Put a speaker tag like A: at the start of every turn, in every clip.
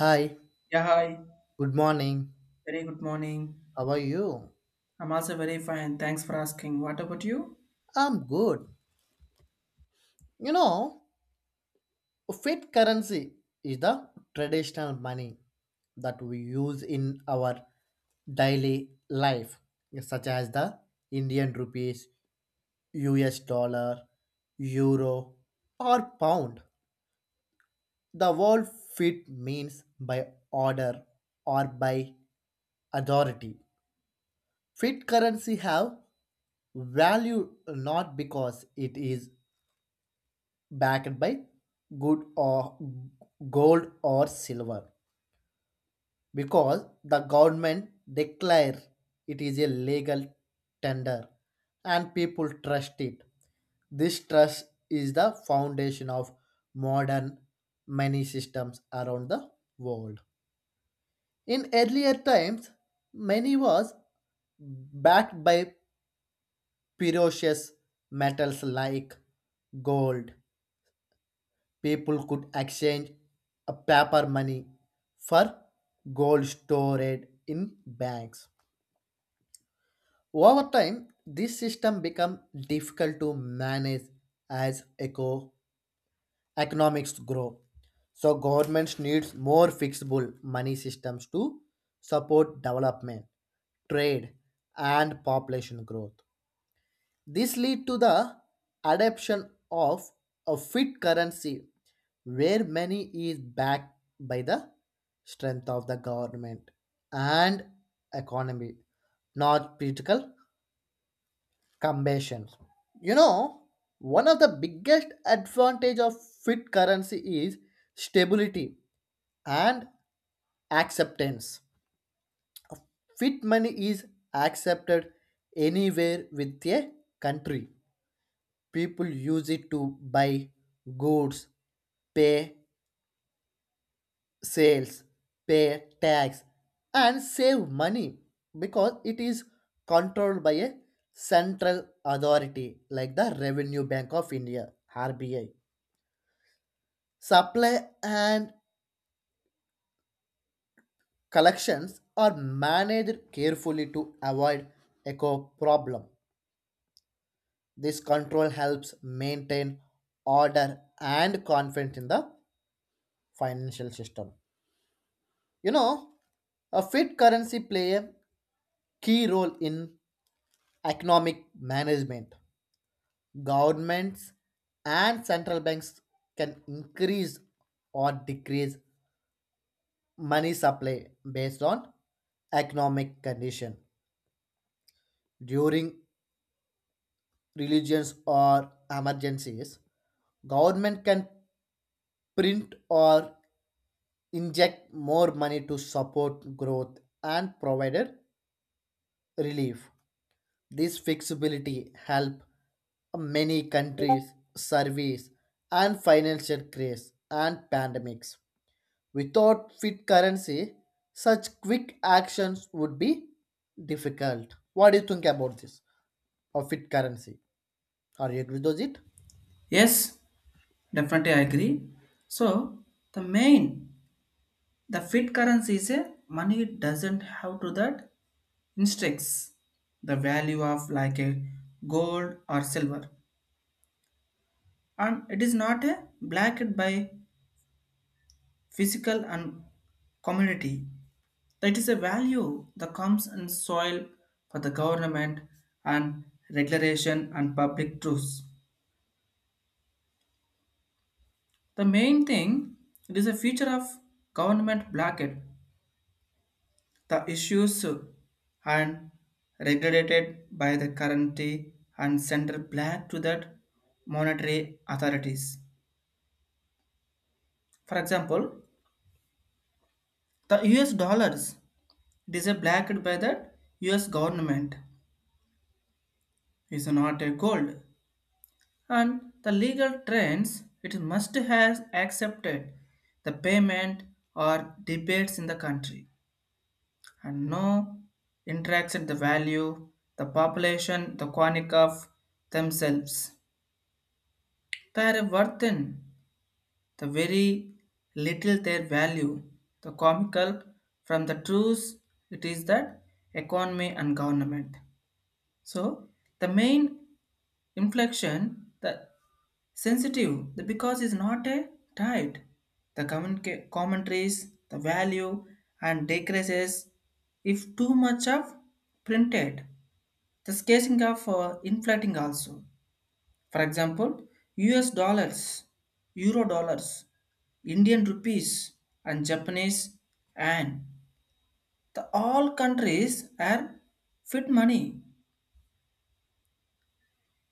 A: Hi,
B: Yeah, hi.
A: good morning.
B: Very good morning.
A: How are you?
B: I'm also very fine. Thanks for asking. What about you?
A: I'm good. You know, fiat currency is the traditional money that we use in our daily life, such as the Indian rupees, US dollar, euro, or pound. The word fiat means by order or by authority. Fiat currency have value not because it is backed by good or gold or silver, because the government declare it is a legal tender and people trust it. This trust is the foundation of modern money systems around the world. In earlier times, money was backed by precious metals like gold. People could exchange a paper money for gold stored in banks. Over time, this system become difficult to manage as economics grow. So governments needs more fixable money systems to support development, trade, and population growth. This lead to the adoption of a fiat currency where money is backed by the strength of the government and economy, not political combination. You know, one of the biggest advantage of fiat currency is stability and acceptance. Fiat money is accepted anywhere with a country. People use it to buy goods, pay sales, pay tax, and save money because it is controlled by a central authority like the Revenue Bank of India, RBI. Supply and collections are managed carefully to avoid eco problem. This control helps maintain order and confidence in the financial system. You know, a fit currency play a key role in economic management. Governments and central banks can increase or decrease money supply based on economic condition. During religions or emergencies, government can print or inject more money to support growth and provided relief. This flexibility help many countries service and financial crises and pandemics. Without fit currency, such quick actions would be difficult. What do you think about this? Or fit currency? Are you agree with it?
B: Yes, definitely I agree. So the main, the fit currency is a money doesn't have to that instructs the value of like a gold or silver. And it is not a blacked by physical and commodity. That is a value that comes in soil for the government and regulation and public truths. The main thing it is a feature of government blockade. The issues are regulated by the currency and central black to that monetary authorities. For example, the US dollars it is a blacked by the US government is not a gold and the legal trends it must has accepted the payment or debates in the country and no interacts at the value, the population, the chronic of themselves. They are worthen the very little their value, the comical from the truth it is that economy and government. So the main inflection, the sensitive, the because is not a tied. Commentaries, the value and decreases if too much of printed. The scarcing of inflating also. For example, US dollars, Euro dollars, Indian rupees, and Japanese and the all countries are fit money.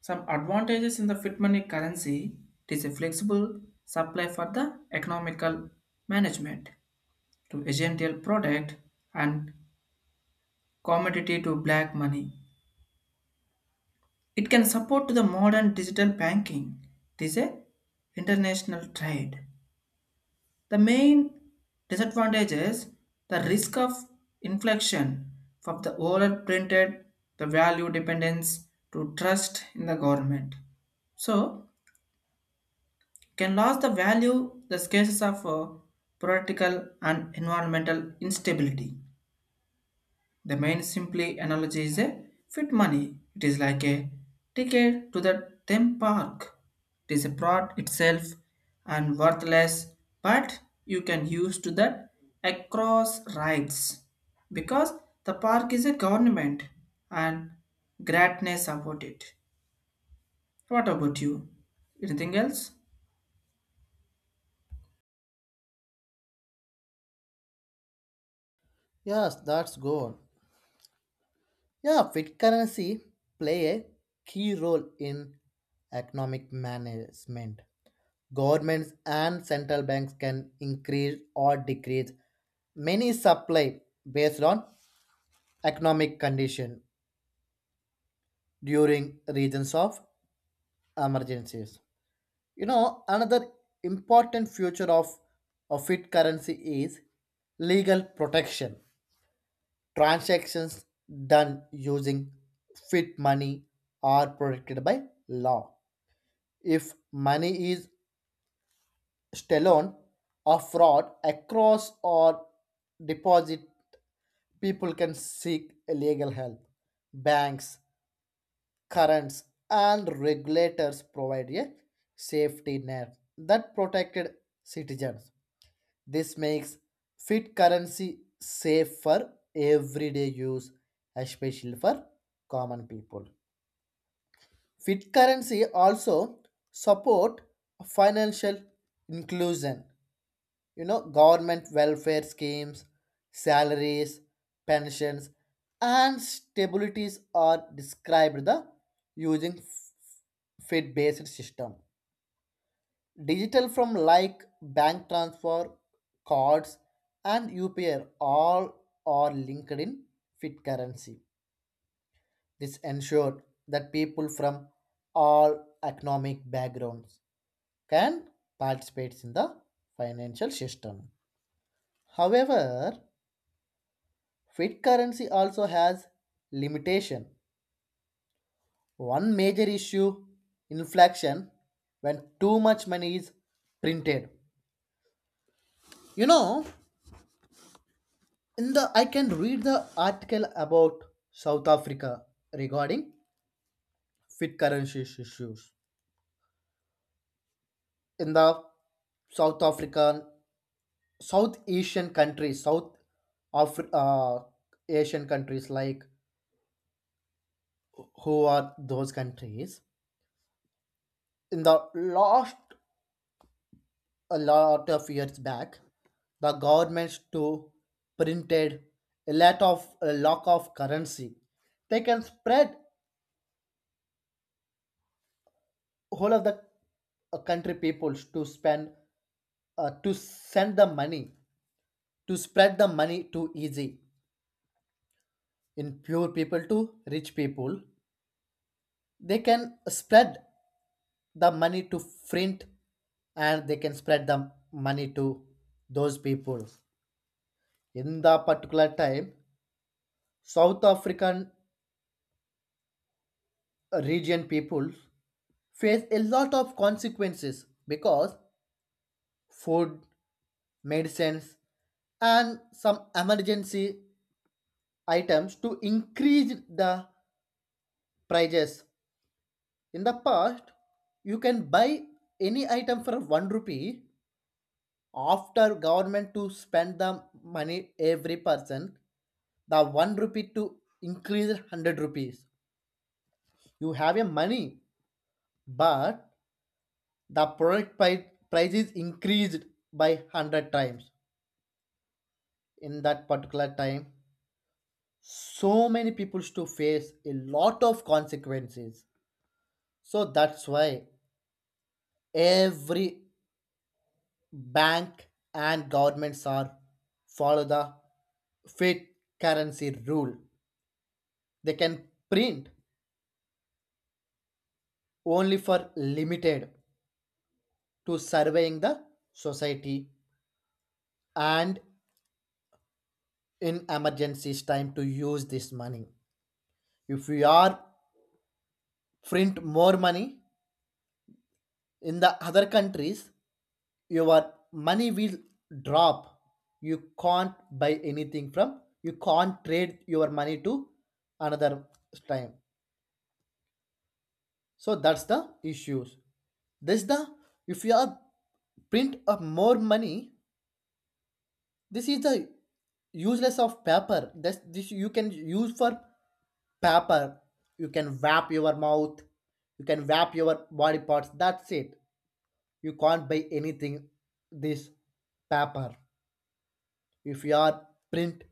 B: Some advantages in the fit money currency, it is a flexible supply for the economical management to agential product and commodity to black money. It can support to the modern digital banking. This is international trade. The main disadvantage is the risk of inflection from the overprinted, the value dependence to trust in the government. So can lose the value the cases of political and environmental instability. The main simply analogy is a fit money. It is like a ticket to the theme park. It is a product itself and worthless, but you can use to that across rights because the park is a government and greatness about it. What about you? Anything else?
A: Yes, that's good. Yeah, fit currency play a key role in economic management. Governments and central banks can increase or decrease many supply based on economic condition during regions of emergencies. Another important future of fiat currency is legal protection. Transactions done using fiat money are protected by law. If money is stolen or fraud across or deposit, people can seek legal help. Banks, currents, and regulators provide a safety net that protected citizens. This makes fiat currency safe for everyday use, especially for common people. Fiat currency also support financial inclusion. You know, government welfare schemes, salaries, pensions, and stabilities are described the using fit based system. Digital from like bank transfer, cards, and upi all are linked in fit currency. This ensured that people from all economic backgrounds can participate in the financial system. However, fiat currency also has limitation. One major issue, inflation, when too much money is printed. You know, in the I can read the article about South Africa regarding fiat currency issues. In the South African, South Asian countries, South Afri- uh, Asian countries like who are those countries? In the last a lot of years back, the governments too printed a lot of currency. They can spread whole of the country peoples to spend to send the money to spread the money too easy in poor people to rich people. They can spread the money to print, and they can spread the money to those people. In the particular time, South African region people face a lot of consequences because food, medicines, and some emergency items to increase the prices. In the past, you can buy any item for one rupee. After government to spend the money every person, the one rupee to increase 100 rupees, you have a money, but the product prices increased by 100 times in that particular time. So many people to face a lot of consequences. So that's why every bank and governments are follow the fiat currency rule. They can print only for limited to surveying the society, and in emergencies time to use this money. If we are print more money in the other countries, your money will drop. You can't buy anything from you can't trade your money to another time. So that's the issues. This the If you are print up more money, this is the useless of paper. This you can use for paper. You can wrap your mouth, you can wrap your body parts, that's it. You can't buy anything. This paper, if you are print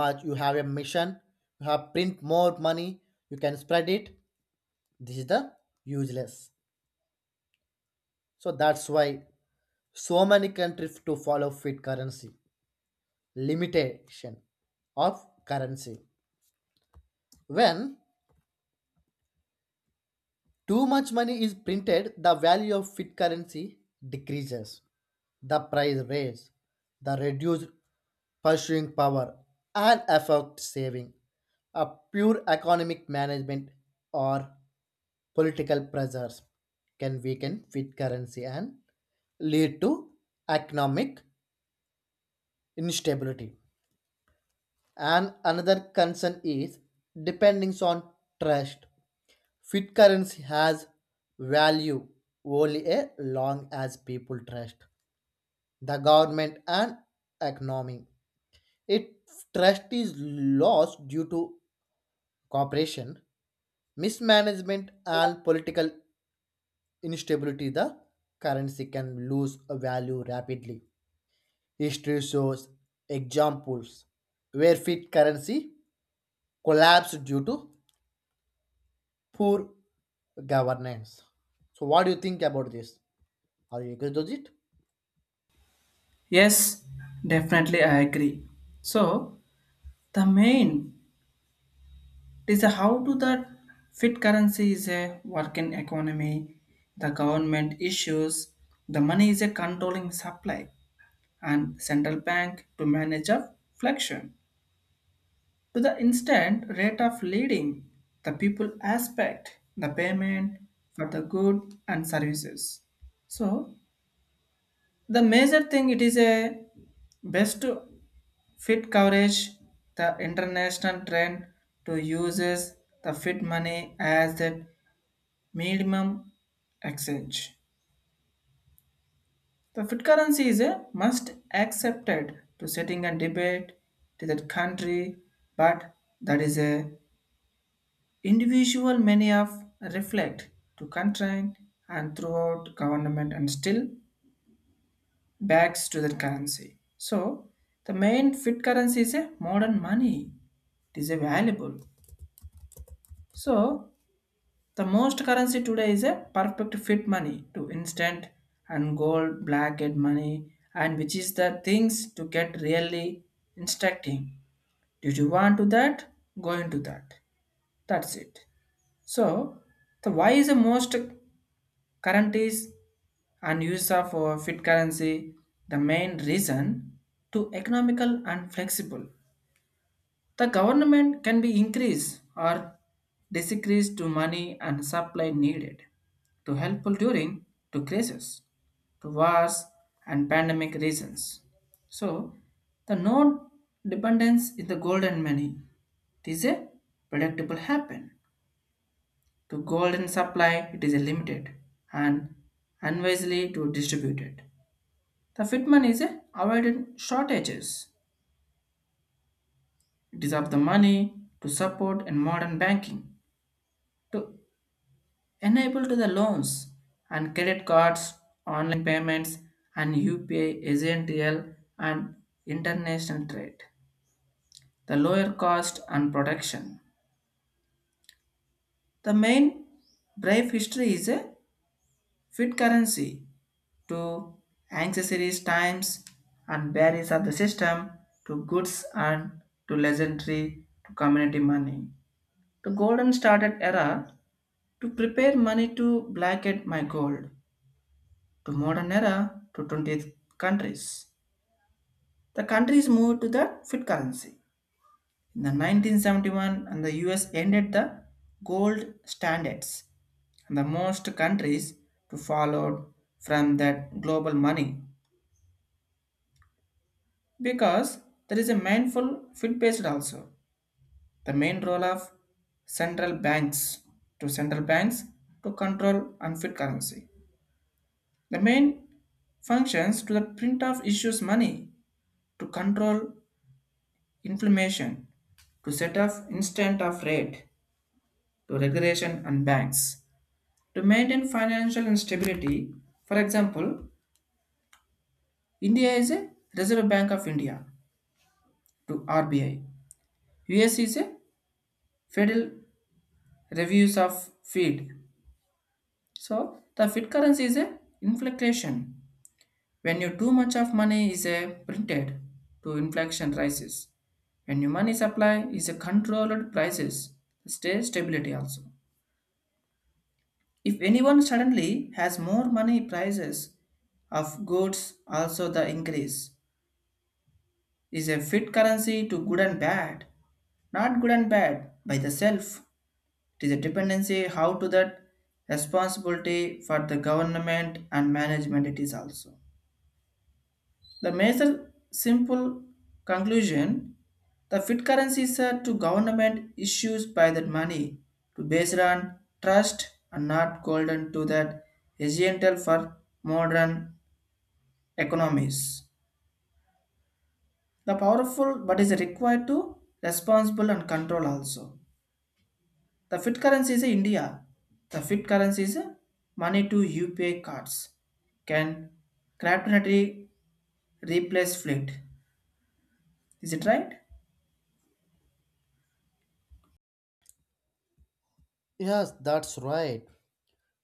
A: much, you have a mission, you have print more money, you can spread it, this is the useless. So that's why so many countries to follow fiat currency limitation of currency. When too much money is printed, the value of fiat currency decreases. The price raise, the reduced purchasing power, and effect saving. A pure economic management or political pressures can weaken with currency and lead to economic instability. And another concern is dependence on trust. Fit currency has value only as long as people trust the government and economy. If trust is lost due to cooperation, mismanagement, and political instability, the currency can lose a value rapidly. History shows examples where fiat currency collapsed due to poor governance. So, what do you think about this? Are you agree with it?
B: Yes, definitely I agree. So the main, it is a how do that fit currency is a working economy, the government issues, the money is a controlling supply, and central bank to manage a fluctuation. To the instant rate of leading, the people aspect, the payment for the good and services. So the major thing, it is a best to fit coverage the international trend to uses the fit money as the minimum exchange. The fiat currency is a must accepted to setting a debate to that country, but that is a individual many of reflect to constraint and throughout government and still backs to that currency. So the main fiat currency is a modern money. It is a valuable. So the most currency today is a perfect fit money to instant and gold blanket money and which is the things to get really instructing. Did you want to that? Go into that. That's it. So the why is the most currencies and use of fit currency, the main reason to economical and flexible, the government can be increased or decreased to money and supply needed to help during to crisis, to wars and pandemic reasons. So the no dependence in the gold and money. It is a predictable happen. To gold and supply, it is a limited and unwisely to distribute it. The Fitman is a avoided shortages. It is of the money to support in modern banking to enable to the loans and credit cards, online payments, and UPI essential and international trade. The lower cost and protection. The main brief history is a fit currency to accessories times and barriers of the system to goods and to legendary to community money. The golden started era to prepare money to blanket my gold to modern era to 20th countries. The countries moved to the fiat currency. In the 1971, and the US ended the gold standards, and the most countries to follow from that global money because there is a mindful fiat based also. The main role of central banks central banks to control unfit currency. The main functions to the print of issues money to control inflammation, to set up instant of rate, to regulation and banks. To maintain financial instability, for example, India is a Reserve Bank of India to RBI. US is a Federal Reviews of Fed. So the Fed currency is a inflation. When you too much of money is a printed, to inflation rises. When your money supply is a controlled prices, stay stability also. If anyone suddenly has more money, prices of goods also the increase. Is a fit currency to good and bad, not good and bad by the self. It is a dependency how to that responsibility for the government and management it is also. The major simple conclusion, the fiat currency is said to government issues by that money to base it on trust and not golden to that essential for modern economies. The powerful but is required to responsible and control also. The fiat currency is India. The fiat currency is money to UPI cards. Can cryptography replace fleet? Is it right?
A: Yes, that's right.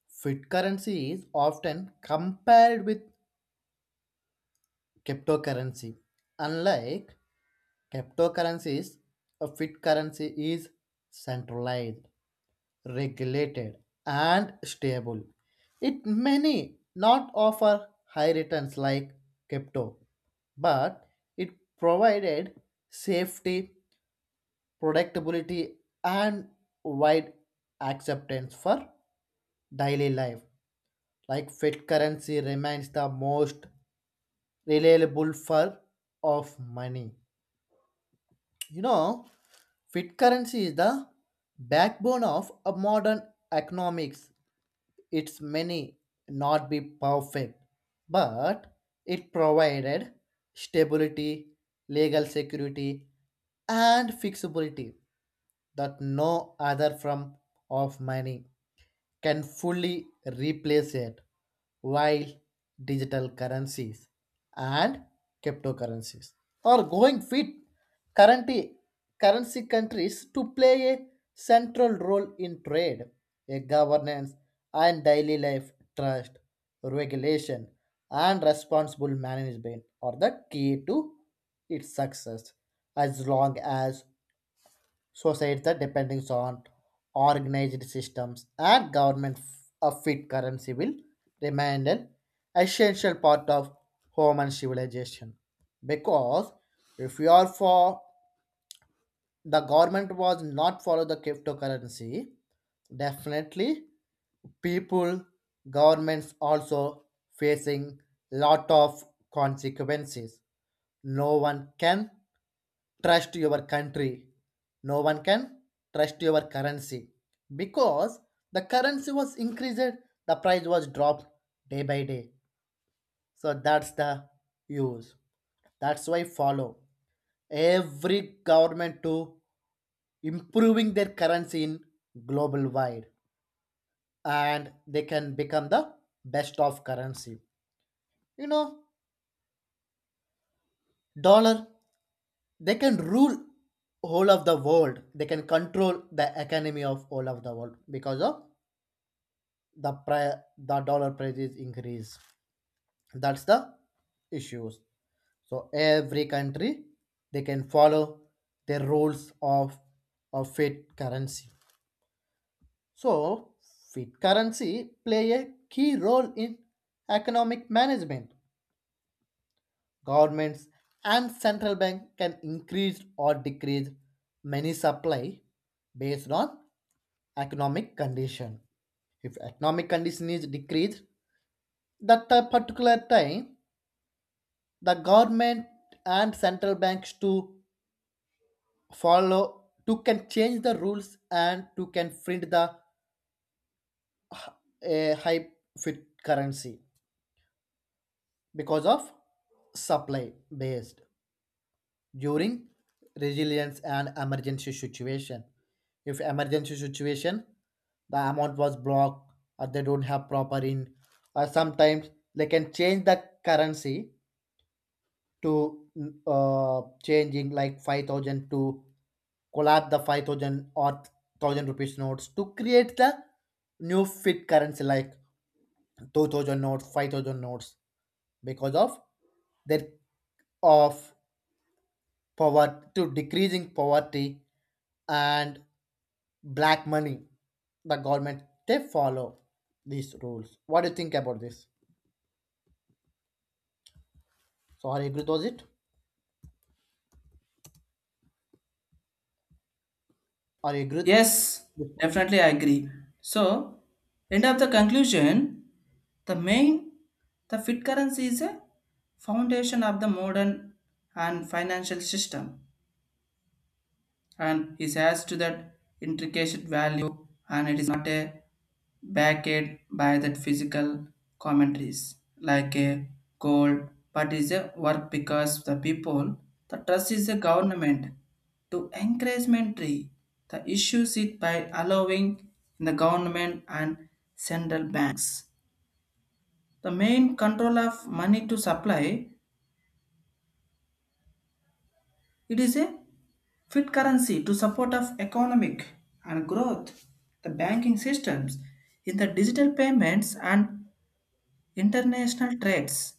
A: Fiat currency is often compared with cryptocurrency. Unlike cryptocurrency is, a fiat currency is centralized, regulated, and stable. It may not offer high returns like crypto, but it provided safety, predictability, and wide acceptance for daily life. Like fiat currency remains the most reliable form of money. You know, fiat currency is the backbone of a modern economics. It's many not be perfect, but it provided stability, legal security, and fixability that no other form of money can fully replace it, while digital currencies and cryptocurrencies are going fit currency, currency countries to play a central role in trade, a governance, and daily life trust, regulation, and responsible management are the key to its success as long as societies depending on organized systems and government a fit currency will remain an essential part of human civilization. Because if you are for the government was not follow the cryptocurrency, definitely people, governments also facing lot of consequences. No one can trust your country, no one can trust your currency, because the currency was increased, the price was dropped day by day. So that's the use, that's why follow every government to improving their currency in global wide, and they can become the best of currency. You know, dollar, they can rule whole of the world, they can control the economy of whole of the world because of the dollar prices increase. That's the issues. So every country, they can follow their rules of fiat currency. So fiat currency play a key role in economic management. Governments and central bank can increase or decrease money supply based on economic condition. If economic condition is decreased, that particular time, the government and central banks to follow to can change the rules and to can print the h- a high fit currency because of supply based. During resilience and emergency situation. If emergency situation, the amount was blocked or they don't have proper in, or sometimes they can change the currency to changing like 5,000 to collapse the 5,000 or 1,000 rupees notes to create the new fit currency like 2,000 notes 5,000 notes because of their of poverty to decreasing poverty and black money. The government, they follow these rules. What do you think about this? So are you agree with it? Are you agree with
B: Yes,
A: this?
B: definitely I agree. So, end of the conclusion, the main, the fit currency is a foundation of the modern and financial system and is has to that intricate value and it is not a backed by that physical commentaries like a gold but is a work because the people the trust is the government to encouragement tree, the issues it by allowing in the government and central banks the main control of money to supply. It is a fit currency to support of economic and growth, the banking systems, in the digital payments and international trades.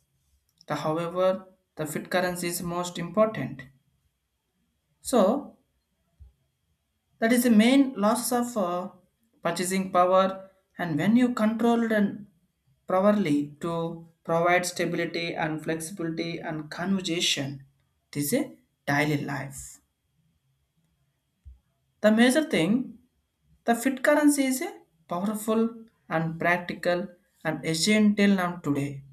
B: The, however, the fit currency is most important. So that is the main loss of purchasing power and when you controlled and properly to provide stability and flexibility and conversation, this is daily life the major thing. The fiat currency is a powerful and practical and essential now today,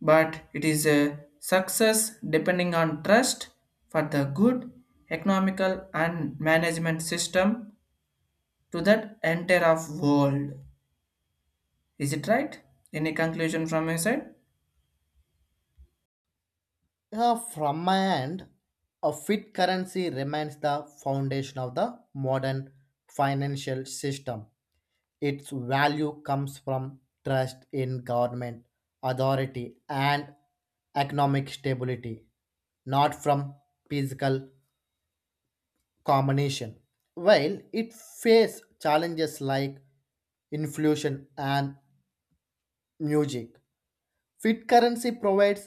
B: but it is a success depending on trust for the good economical and management system to that entire of world. Is it right? Any conclusion from your side?
A: Yeah, from my end a fiat currency remains the foundation of the modern financial system. Its value comes from trust in government authority and economic stability, not from physical combination. While it faces challenges like inflation and music, fiat currency provides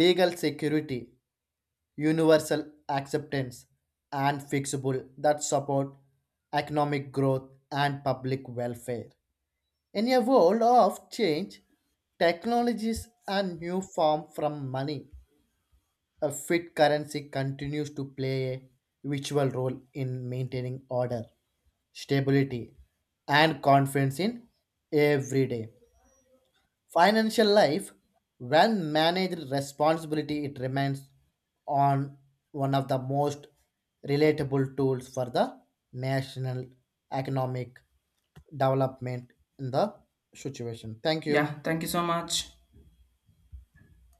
A: legal security, universal acceptance, and fixable that support economic growth and public welfare. In a world of change, technologies and new form from money, a fiat currency continues to play a vital role in maintaining order, stability, and confidence in everyday financial life. When managed responsibility, it remains on one of the most relatable tools for the national economic development in the situation. Thank you.
B: Yeah, thank you so much.